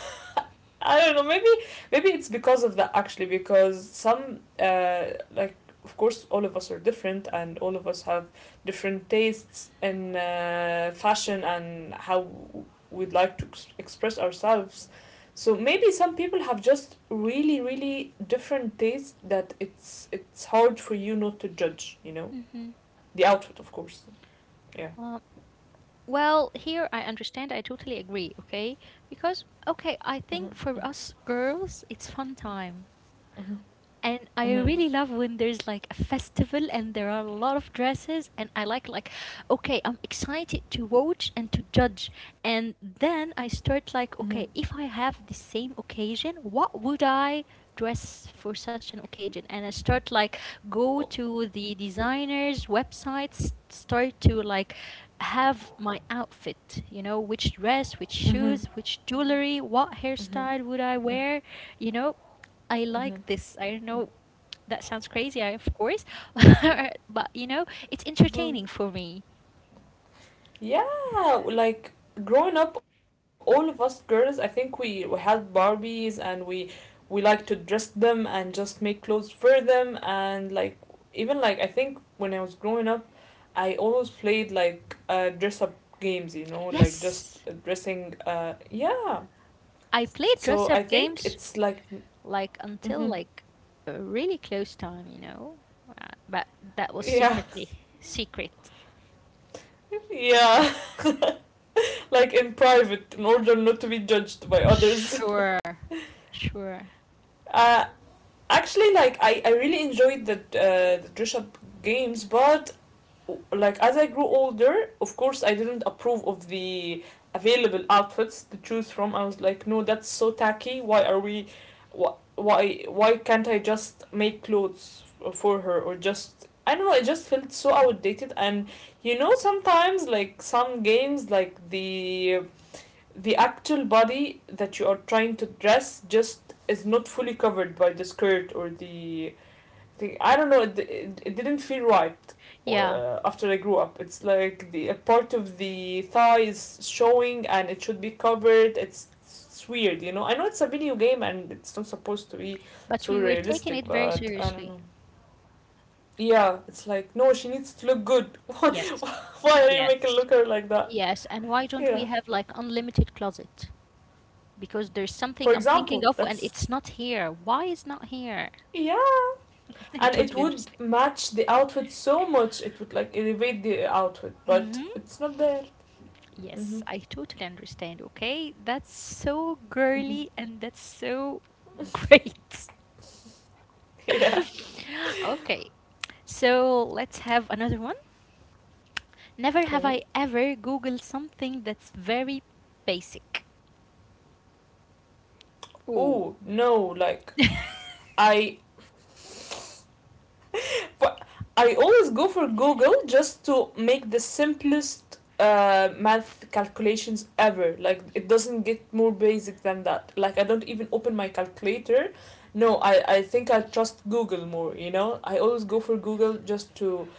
S2: I I don't know, maybe it's because of that, actually, because some, like of course, all of us are different, and all of us have different tastes in, fashion, and how we'd like to express ourselves, so maybe some people have just really really different tastes that it's hard for you not to judge,
S1: Mm-hmm.
S2: the outfit, of course, yeah.
S1: Well, here I understand. I totally agree. Okay, because okay, I think
S2: Mm-hmm.
S1: for us girls, it's fun time,
S2: Mm-hmm.
S1: and I
S2: Mm-hmm.
S1: really love when there's like a festival and there are a lot of dresses and I like, okay, I'm excited to watch and to judge, and then I start
S2: Mhm.
S1: like, okay, if I have the same occasion, what would I dress for such an occasion? And I start like go
S2: Oh.
S1: to the designers websites, start to like have my outfit, you know, which dress, which shoes,
S2: Mhm.
S1: which jewelry, what
S2: Mhm.
S1: hairstyle would I
S2: Mhm.
S1: wear, you know. I
S2: Mhm.
S1: like this. I don't know. That sounds crazy, I, of course, but you know, it's
S2: Mhm.
S1: entertaining for me.
S2: Yeah, like, growing up, all of us girls, I think we had Barbies, and we like to dress them and just make clothes for them, and like, even like, I think when I was growing up, I always played like, dress up games, like, just
S1: Yes,
S2: dressing. Yeah.
S1: I play dress
S2: So I
S1: up
S2: think
S1: games
S2: it's like.
S1: like until
S2: Mhm.
S1: like a really close time, you know, but that was
S2: Yeah,
S1: secretly secret.
S2: yeah, like, in private, in order not to be judged by others.
S1: Sure, sure.
S2: Uh, Actually, like, I really enjoyed the dress up games, but like, as I grew older, of course, I didn't approve of the available outfits to choose from. I was like, no, that's so tacky. Why are we? Why can't I just make clothes for her, or just, I don't know. It just felt so outdated, and sometimes like some games, like the actual body that you are trying to dress just is not fully covered by the skirt or the thing. I don't know. It didn't feel right,
S1: Yeah,
S2: after I grew up. It's like, the a part of the thigh is showing, and it should be covered. It's weird. I know it's a video game and it's not supposed to be
S1: but
S2: so
S1: we were taking
S2: realistic,
S1: it very
S2: but I don't
S1: seriously.
S2: know. Yeah, it's like, no, she needs to look good.
S1: Yes,
S2: Why are you making
S1: yes,
S2: look her like that?
S1: yes. And why don't
S2: Yeah.
S1: we have like unlimited closet? Because there's
S2: For
S1: something I'm thinking
S2: example,
S1: of and
S2: that's
S1: it's not here. Why is not here?
S2: yeah.
S1: I
S2: And it
S1: totally
S2: would
S1: understand.
S2: match the outfit so much, it would like elevate the outfit, but
S1: Mm-hmm.
S2: it's not there. Mm-hmm.
S1: Yes, I totally understand. Okay, that's so
S2: Mm-hmm.
S1: girly and that's so great.
S2: Yeah.
S1: Okay, so let's have another one. Never have
S2: Great.
S1: I ever Googled something that's very basic.
S2: Oh no, like, I For, I always go for Google just to make the simplest, math calculations ever. Like, it doesn't get more basic than that. Like, I don't even open my calculator. No, I think I trust Google more, you know? I always go for Google just to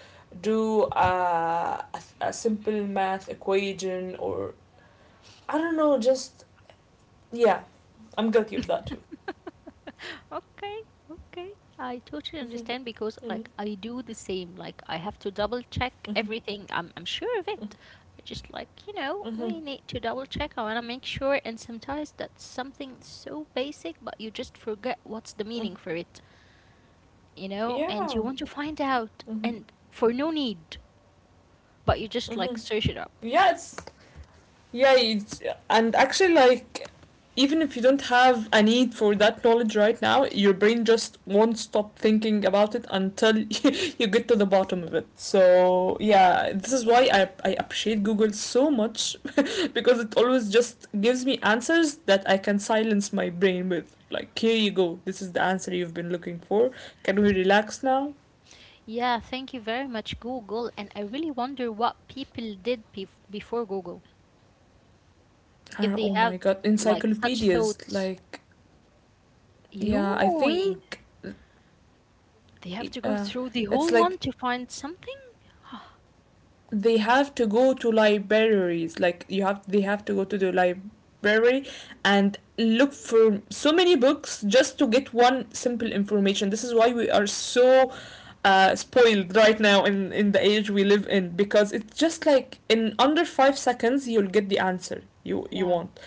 S2: do, a simple math equation, or I don't know, just, yeah. I'm guilty of that too.
S1: Okay, okay. I totally
S2: Mm-hmm.
S1: understand because
S2: Mm-hmm.
S1: like I do the same. Like I have to double check
S2: Mm-hmm.
S1: everything. I'm sure of it. Just like, you know,
S2: Mm-hmm.
S1: we need to double check. I want to make sure, and sometimes that's something so basic but you just forget what's the
S2: Mm-hmm.
S1: meaning for it, you know, and you
S2: Yeah.
S1: want to find out
S2: Mm-hmm.
S1: and for no need, but you just
S2: Mm-hmm.
S1: like search it up.
S2: yeah it's yeah it's, and actually, even if you don't have a need for that knowledge right now, your brain just won't stop thinking about it until you get to the bottom of it. So yeah, this is why I appreciate Google so much. Because it always just gives me answers that I can silence my brain with, like, here you go, this is the answer you've been looking for. Can we relax now?
S1: Yeah, thank you very much Google, and I really wonder what people did before Google if
S2: Ah,
S1: they
S2: oh my
S1: had
S2: god,
S1: like such
S2: encyclopedias,
S1: thoughts.
S2: like, yeah I
S1: Yoy,
S2: think
S1: they have to go
S2: uh,
S1: through the
S2: it's
S1: whole
S2: like
S1: one to find something?
S2: they have to go to libraries, like you have, they have to go to the library and look for so many books just to get one simple information. This is why we are so spoiled right now in the age we live in, because it's just like in under 5 seconds you'll get the answer you
S1: Yeah,
S2: want.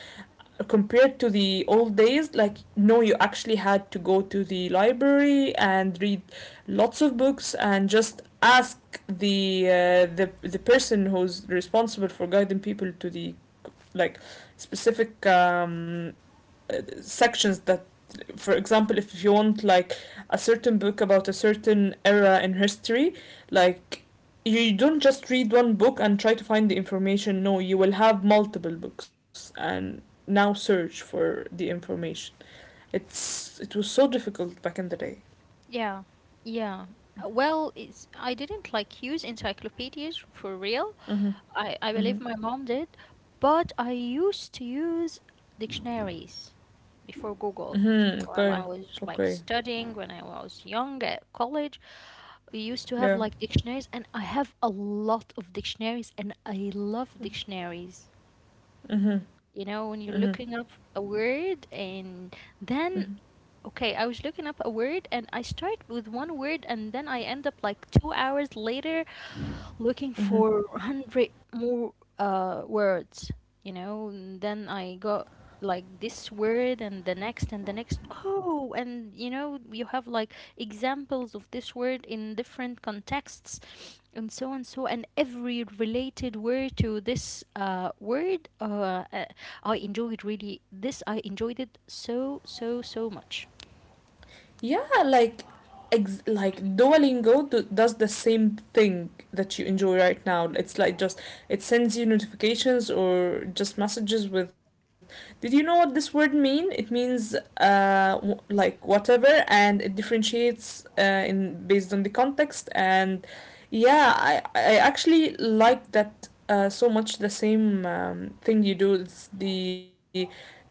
S2: Compared to the old days, like, no, you actually had to go to the library and read lots of books and just ask the person who's responsible for guiding people to the, like, specific sections that, for example, if you want like a certain book about a certain era in history, like, you don't just read one book and try to find the information. No, you will have multiple books and now search for the information. It was so difficult back in the day.
S1: yeah, yeah. Well, I didn't like use encyclopedias for real.
S2: Mm-hmm.
S1: I
S2: Mm-hmm.
S1: believe my mom did, but I used to use dictionaries before Google.
S2: Mm-hmm, okay.
S1: While I was
S2: Okay.
S1: like studying when I was young at college, we used to
S2: Yeah.
S1: have like dictionaries, and I have a lot of dictionaries, and I love dictionaries.
S2: Mm-hmm.
S1: You know,
S2: Mm-hmm.
S1: when you're looking up a word and
S2: Mm-hmm.
S1: then, okay, I was looking up a word and I start with one word and then I end up like 2 hours later looking
S2: Mm-hmm.
S1: for 100 more words, you know, and then I got like this word and the next and the next. Oh, and you know, you have like examples of this word in different contexts and so and so and every related word to this word I enjoyed really this I enjoyed it so so so much.
S2: Yeah, like, like Duolingo does the same thing that you enjoy right now. It's like, just, it sends you notifications or just messages with, did you know what this word mean? It means like whatever, and it differentiates in based on the context. And yeah, I actually like that so much, the same thing you do. It's the,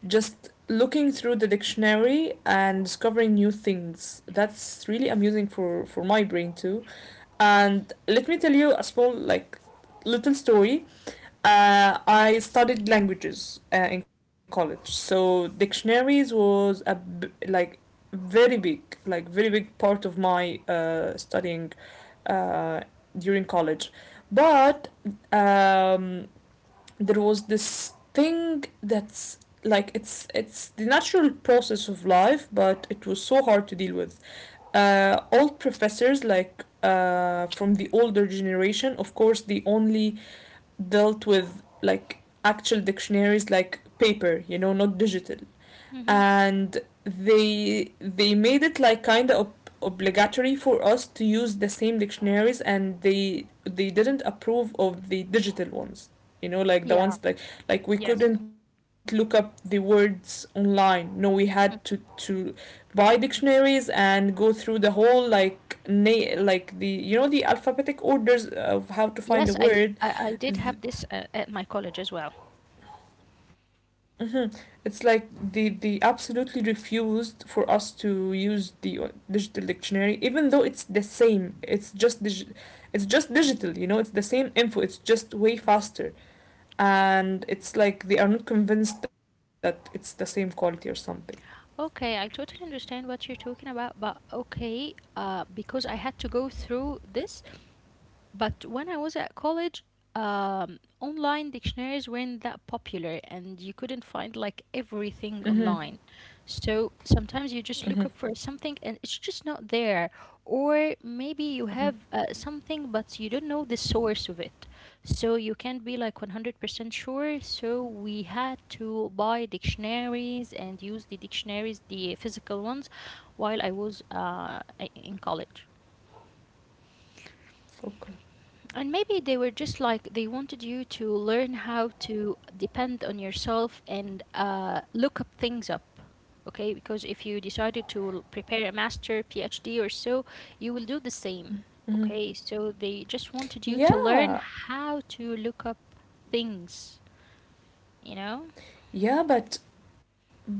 S2: just looking through the dictionary and discovering new things, that's really amusing for my brain too. And let me tell you a small, like, little story. I studied languages in college, so dictionaries was a b- like very big, like, very big part of my studying uh, during college. But um, there was this thing that's, like, it's the natural process of life, but it was so hard to deal with. Old professors, like, from the older generation, of course they only dealt with, like, actual dictionaries, like paper, you know, not digital.
S1: Hmm.
S2: And they made it like kind of obligatory for us to use the same dictionaries, and they didn't approve of the digital ones. You know, like the
S1: Yeah.
S2: ones, like we
S1: Yes.
S2: couldn't look up the words online. No, we
S1: Mm.
S2: had to buy dictionaries and go through the whole, like, like the, you know, the alphabetic orders of
S1: Yes,
S2: how to find a
S1: I
S2: word.
S1: did have this at my college as well.
S2: Hmm. It's like they absolutely refused for us to use the digital dictionary, even though it's the same. It's just it's just digital, you know. It's the same info. It's just way faster, and it's like they are not convinced that it's the same quality or something.
S1: Okay, I totally understand what you're talking about, but okay, because I had to go through this, but when I was at college, online dictionaries weren't that popular, and you couldn't find like
S2: Mm-hmm.
S1: everything online. So sometimes
S2: Mm-hmm.
S1: you just look up for something and it's just not there. Or maybe you have something, but you don't know the source of it. So you can't be like 100% sure. So we had to buy dictionaries and use the dictionaries, the physical ones, while I was in college.
S2: Okay.
S1: And maybe they were just like they wanted you to learn how to depend on yourself and look up things up. Okay, because if you decided to prepare a master, PhD or so, you will do the same. Okay, so they just wanted you to learn
S2: Yeah,
S1: how to look up things, you know?
S2: yeah, but but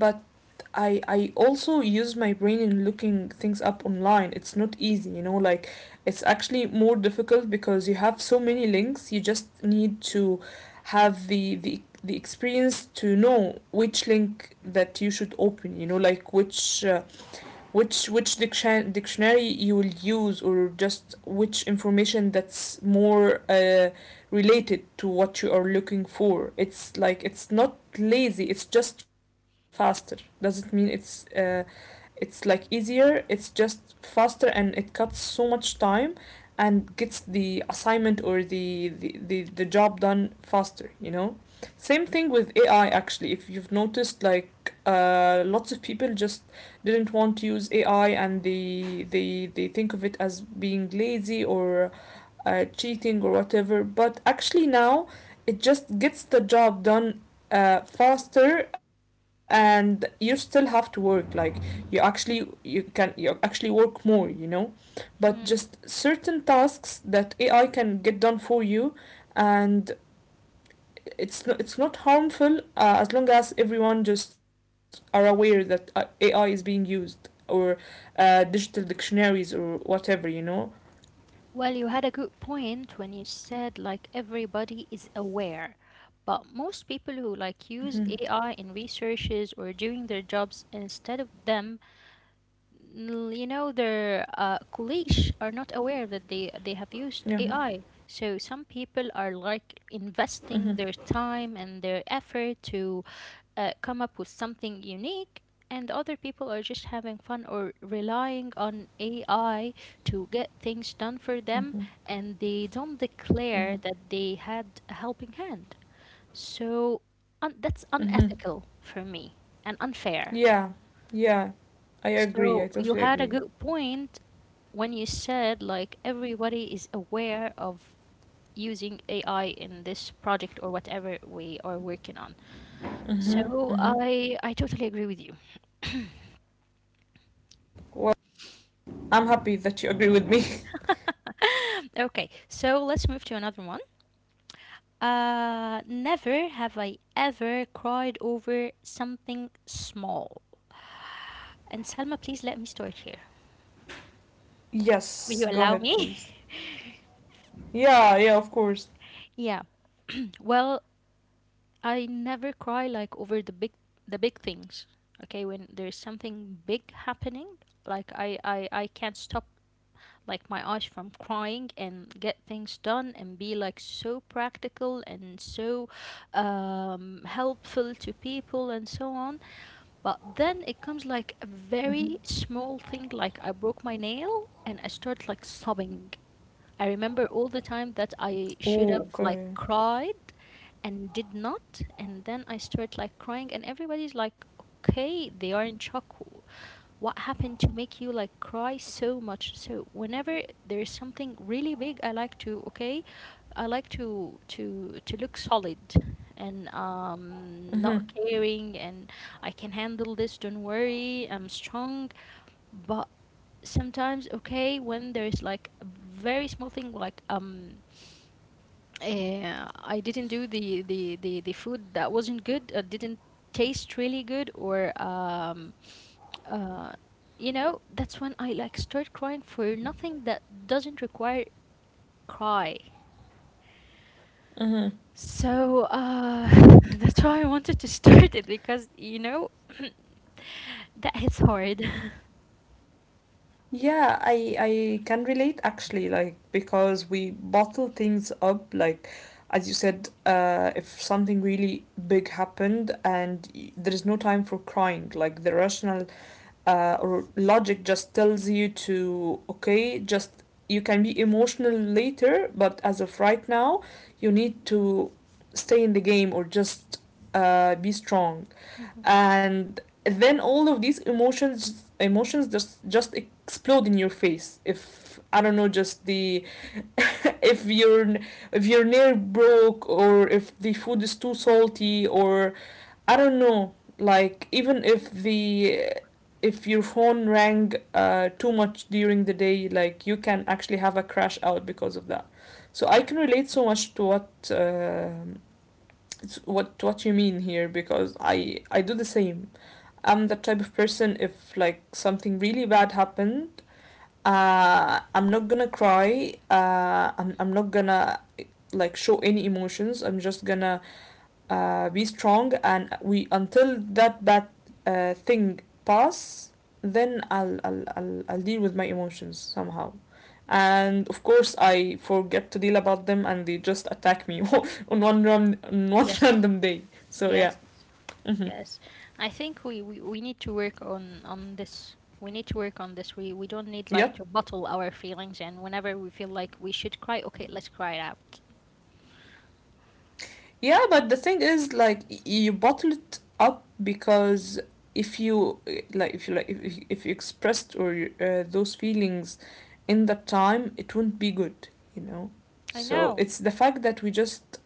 S2: I also use my brain in looking things up online. It's not easy, you know, like, it's actually more difficult because you have so many links. You just need to have the experience to know which link that you should open, you know, like which dictionary you will use, or just which information that's more related to what you are looking for. It's like, it's not lazy, it's just faster. Doesn't mean it's like easier. It's just faster, and it cuts so much time and gets the assignment or the job done faster, you know. Same thing with AI actually, if you've noticed, like, lots of people just didn't want to use AI, and they think of it as being lazy or cheating or whatever. But actually now it just gets the job done faster, and you still have to work, like, you actually, you can, you actually work more, you know. But just
S1: Hmm.
S2: certain tasks that AI can get done for you. And it's not, it's not harmful, as long as everyone just are aware that AI is being used, or digital dictionaries or whatever, you know.
S1: Well, you had a good point when you said like everybody is aware, but most people who like use
S2: Mm-hmm.
S1: AI in researches or doing their jobs instead of them, you know, their colleagues are not aware that they have used
S2: Yeah.
S1: AI. So some people are like
S2: Mm-hmm.
S1: investing their time and their effort to come up with something unique, and other people are just having fun or relying on AI to get things done for them, and they don't
S2: Mm-hmm.
S1: declare that they had a helping hand. So that's
S2: Mm-hmm.
S1: unethical for me and unfair.
S2: Yeah, yeah, I
S1: So you
S2: totally
S1: had a
S2: agree.
S1: good point when you said like everybody is aware of using AI in this project or whatever we are working on.
S2: Mm-hmm.
S1: So
S2: Mm-hmm.
S1: I totally agree with you.
S2: Well, I'm happy that you agree with me.
S1: Okay, so let's move to another one. Never have I ever cried over something small. And Salma, please let me start here. Will
S2: Yes,
S1: you
S2: go
S1: allow
S2: ahead,
S1: me?
S2: please. Yeah, yeah, of course.
S1: yeah. Well, I never cry like over the big, the big things. Okay, when there's something big happening, like I can't stop like my eyes from crying and get things done and be like so practical and so helpful to people and so on. But then it comes like a very small thing, like I broke my nail and I start like sobbing. I remember all the time that
S2: Oh,
S1: I should
S2: okay.
S1: have like cried and did not, and then I start like crying, and everybody's like, okay, they are in shock. What happened to make you like cry so much? So whenever there is something really big, I like to okay, I like to to look solid and not
S2: Mm-hmm,
S1: caring, and I can handle this, don't worry, I'm strong. But sometimes okay, when there is like a very small thing like I didn't do the food that wasn't good, didn't taste really good or uh you know, that's when I like start crying for nothing that doesn't require cry.
S2: mm-hmm.
S1: So, that's why I wanted to start it because, you know, that hits hard.
S2: Yeah, I can relate actually, like, because we bottle things up, like, as you said, if something really big happened and there is no time for crying, like the rational or logic just tells you to, okay, just, you can be emotional later, but as of right now you need to stay in the game, or just be strong.
S1: Mhm.
S2: And then all of these emotions just explode in your face. If I don't know, just the, if you're, if you're near broke, or if the food is too salty, or I don't know, like even if the, if your phone rang too much during the day, like you can actually have a crash out because of that. So I can relate so much to what you mean here, because I do the same. I'm the type of person, if like something really bad happened, I'm not gonna cry. I'm not gonna, like, show any emotions. I'm just gonna be strong and we until that bad thing pass. Then I'll deal with my emotions somehow. And of course I forget to deal about them, and they just attack me on one
S1: Yes,
S2: random day. So yeah.
S1: yes,
S2: Hmm.
S1: yes. I think we need to work on this. We need to work on this. We don't need
S2: Yeah.
S1: like to bottle our feelings, and whenever we feel like we should cry, okay, let's cry it out.
S2: Yeah, but the thing is, like, you bottle it up because, if you if you expressed or those feelings in that time, it wouldn't be good, you know.
S1: I
S2: So
S1: know,
S2: it's the fact that we just,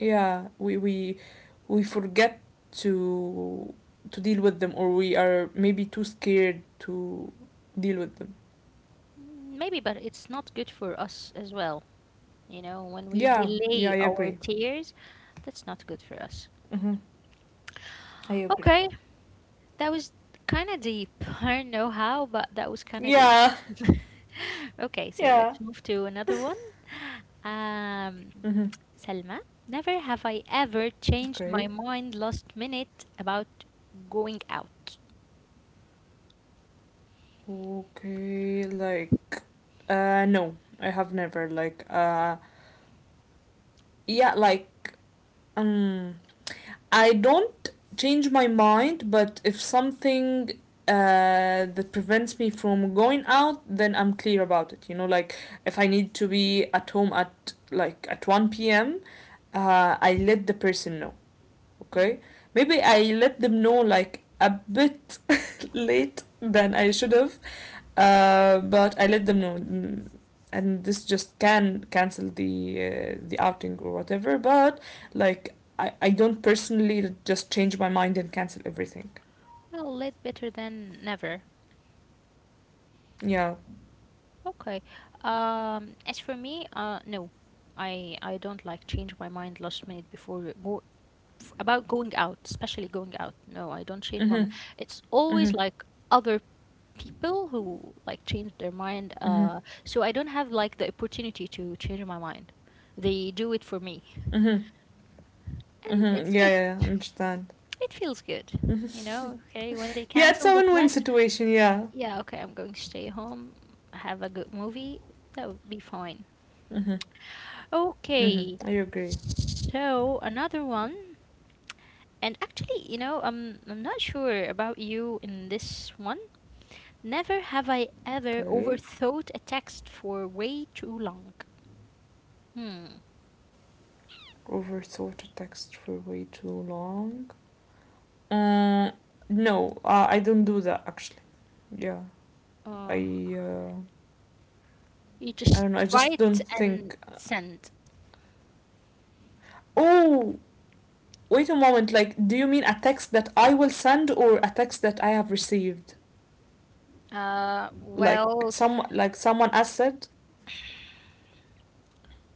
S2: yeah, we we forget to deal with them, or we are maybe too scared to deal with them.
S1: mm, maybe, but it's not good for us as well. You know, when we
S2: Yeah, yeah,
S1: delay
S2: I
S1: our
S2: agree.
S1: tears, that's not good for us.
S2: Mm-hmm. I agree.
S1: Okay, that was kind of deep. I don't know how, but that was kind of deep.
S2: Yeah,
S1: Okay, so
S2: yeah.
S1: let's move to another one. Um,
S2: Mm-hmm.
S1: Selma, never have I ever changed my
S2: Okay.
S1: mind last minute about going out.
S2: Okay, like, no, I have never. Like, yeah, like, um, I don't change my mind, but if something that prevents me from going out, then I'm clear about it. You know, like, if I need to be at home at like at one p.m., I let the person know.
S1: Hmm.
S2: Okay, maybe I let them know like a bit late than I should have. But I let them know, mm, and this just can cancel the outing or whatever. But like I don't personally just change my mind and cancel everything.
S1: Well, a little better than never.
S2: Yeah.
S1: Okay. As for me, no, I don't like change my mind last minute before about going out, especially going out. No, I don't change my mind.
S2: Mhm.
S1: It's always
S2: Mhm.
S1: like other people who like change their mind.
S2: Mhm.
S1: So I don't have like the opportunity to change my mind. They do it for me,
S2: Mhm.
S1: and
S2: Mhm.
S1: it's
S2: Yeah. Yeah.
S1: good.
S2: Yeah, understand.
S1: It feels good,
S2: Hmm.
S1: you know. Okay, when they
S2: Yeah, it's
S1: cancel
S2: a
S1: the
S2: win-win
S1: plan,
S2: situation. Yeah.
S1: yeah, okay, I'm going to stay home, have a good movie. That would be fine.
S2: Mhm. Mhm.
S1: Okay,
S2: I agree.
S1: so another one, and actually, you know, I'm not sure about you in this one. Never have I ever
S2: Okay.
S1: overthought a text for way too long. Hmm.
S2: Overthought a text for way too long. Uh, no, I don't do that actually. Yeah,
S1: Oh,
S2: I uh,
S1: you
S2: I
S1: just
S2: don't know. I just
S1: write
S2: don't
S1: and
S2: think.
S1: send.
S2: Oh, wait a moment. Like, do you mean a text that I will send or a text that I have received? Like,
S1: Well,
S2: some, like someone has said.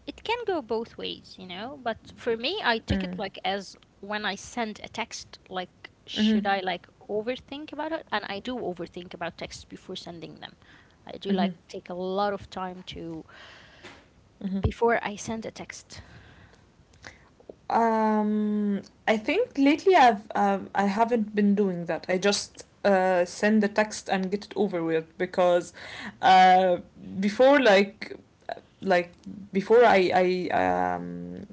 S1: it can go both ways, you know, but for me, I took it
S2: Mm.
S1: like as when I send a text, like, should I
S2: Mm-hmm.
S1: like overthink about it? And I do overthink about texts before sending them. I do
S2: Mm-hmm.
S1: like take a lot of time to
S2: Mm-hmm.
S1: before I send a text.
S2: Um, I think lately I've I haven't been doing that. I just send the text and get it over with, because uh, before like before I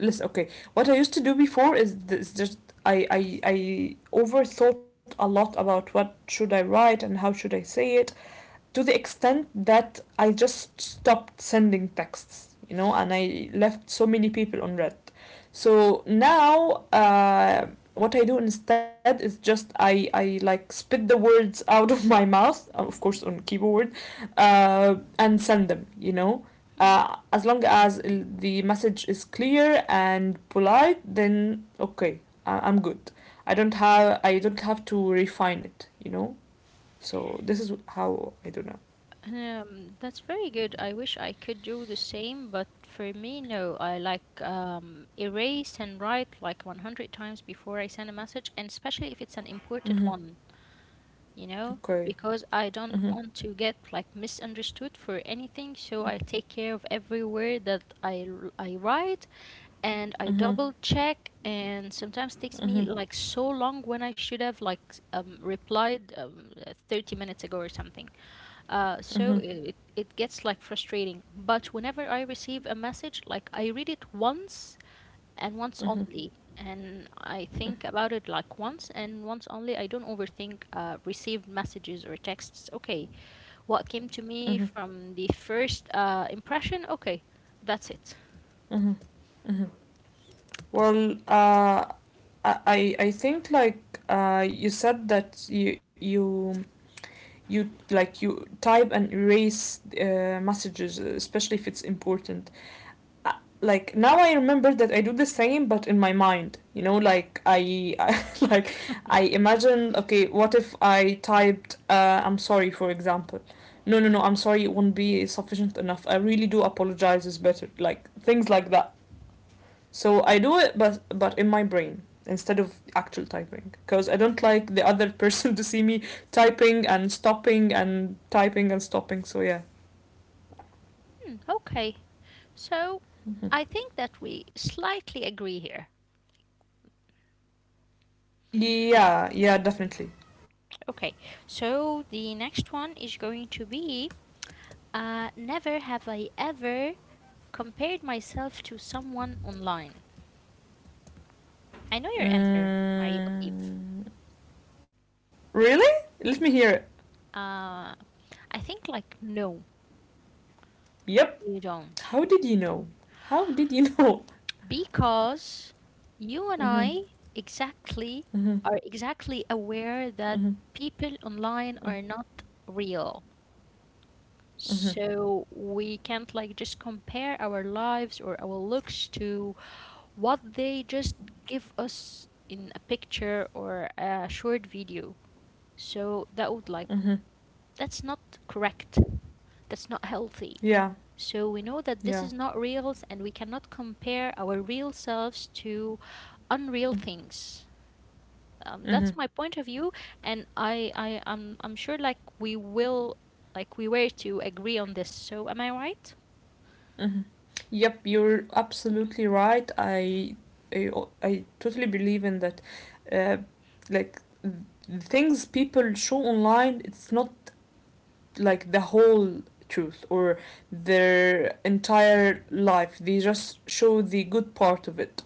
S2: listen, okay, what I used to do before is this, just, I overthought a lot about what should I write and how should I say it, to the extent that I just stopped sending texts, you know, and I left so many people on red. So now, what I do instead is just I, like, spit the words out of my mouth, of course on keyboard, and send them, you know.
S1: Hmm.
S2: As long as the message is clear and polite, then okay, I'm good. I don't have to refine it, you know. So this is how I do now.
S1: That's very good. I wish I could do the same, but for me, no. I like erase and write like 100 times before I send a message, and especially if it's an
S2: Мгм.
S1: important one, you know,
S2: Okay.
S1: because I
S2: Mhm.
S1: don't want to get like misunderstood for anything. So I take care of every word that I write, and I
S2: Mhm.
S1: double check. And sometimes takes me
S2: Mhm.
S1: like so long when I should have like replied 30 minutes ago or something. So
S2: Mhm.
S1: it gets like frustrating. But whenever I receive a message, like I read it once and once
S2: Mhm.
S1: only, and I think about it like once and once only. I don't overthink received messages or texts. Okay, what came to me
S2: Mhm.
S1: from the first impression? Okay, that's it.
S2: Mhm. Mhm. Well, I think like, you said that you like, you type and erase messages, especially if it's important. uh, like now I remember that I do the same, but in my mind. You know, like I, I, like, I imagine, okay, what if I typed "I'm sorry" for example? No, no, no. I'm sorry, it won't be sufficient enough. I really do apologize. Is better. Like things like that. So I do it, but in my brain instead of actual typing, because I don't like the other person to see me typing and stopping and typing and stopping. So yeah.
S1: Hmm, okay, so
S2: Mhm.
S1: I think that we slightly agree here.
S2: Yeah, yeah, definitely.
S1: Okay, so the next one is going to be never have I ever compared myself to someone online. I know your answer, I believe.
S2: Mm, really? Let me hear it.
S1: Uh, I think, like, no,
S2: Yep.
S1: you don't.
S2: How did you know? How did you know?
S1: Because you and
S2: Mm-hmm.
S1: I exactly
S2: Mm-hmm.
S1: are exactly aware that people
S2: Mm-hmm.
S1: online are not real.
S2: Mm-hmm.
S1: So we can't, like, just compare our lives or our looks to what they just give us in a picture or a short video. So that would,
S2: Mm-hmm.
S1: like, that's not correct, that's not healthy,
S2: Yeah.
S1: so we know that this
S2: Yeah.
S1: is not real and we cannot compare our real selves to unreal
S2: Mm-hmm.
S1: things,
S2: Mm-hmm.
S1: that's my point of view, and I'm sure like we will like we were to agree on this, so am I right?
S2: Mm-hmm. Yep. You're absolutely right. I, I totally believe in that. Uh, like, the things people show online, it's not like the whole truth, or their entire life. They just show the good part of it.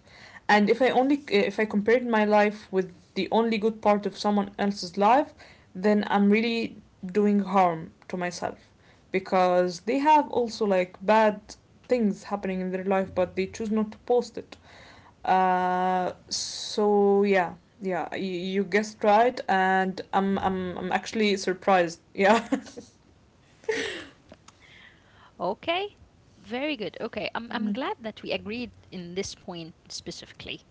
S2: And if I compared my life with the only good part of someone else's life, then I'm really doing harm to myself, because they have also, like, bad things happening in their life, but they choose not to post it. So yeah. Yeah, you guessed right, and I'm actually surprised. Yeah.
S1: Okay, very good. Okay, I'm glad that we agreed in this point specifically.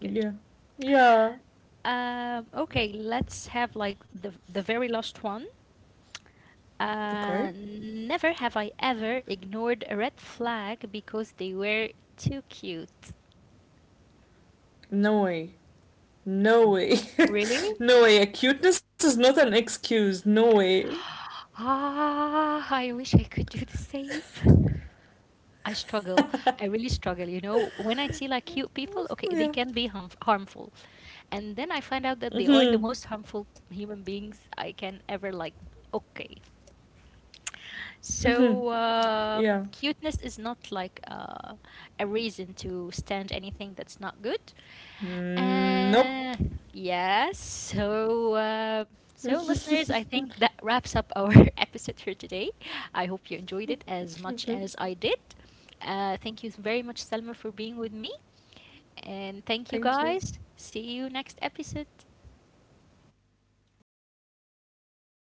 S1: Good.
S2: Yeah. Yeah.
S1: Okay, let's have like the very last one.
S2: Okay.
S1: Never have I ever ignored a red flag because they were too cute.
S2: No way. No way.
S1: Re-
S2: No way. Acuteness is not an excuse. No way.
S1: ah, I wish I could do the same. I struggle. I really struggle. You know, when I see like cute people, okay, they
S2: Yeah.
S1: can be harmful. And then I find out that they are the
S2: Mm-hmm.
S1: most harmful human beings I can ever like. Okay.
S2: Mm-hmm.
S1: So, um,
S2: Yeah.
S1: cuteness is not like a reason to stand anything that's not good.
S2: Mm,
S1: Uh,
S2: nope.
S1: yes. So, so listeners, I think that wraps up our episode for today. I hope you enjoyed it as much
S2: Mm-hmm.
S1: as I did. Thank you very much, Selma, for being with me, and thank you
S2: Thank you.
S1: guys. See you next episode.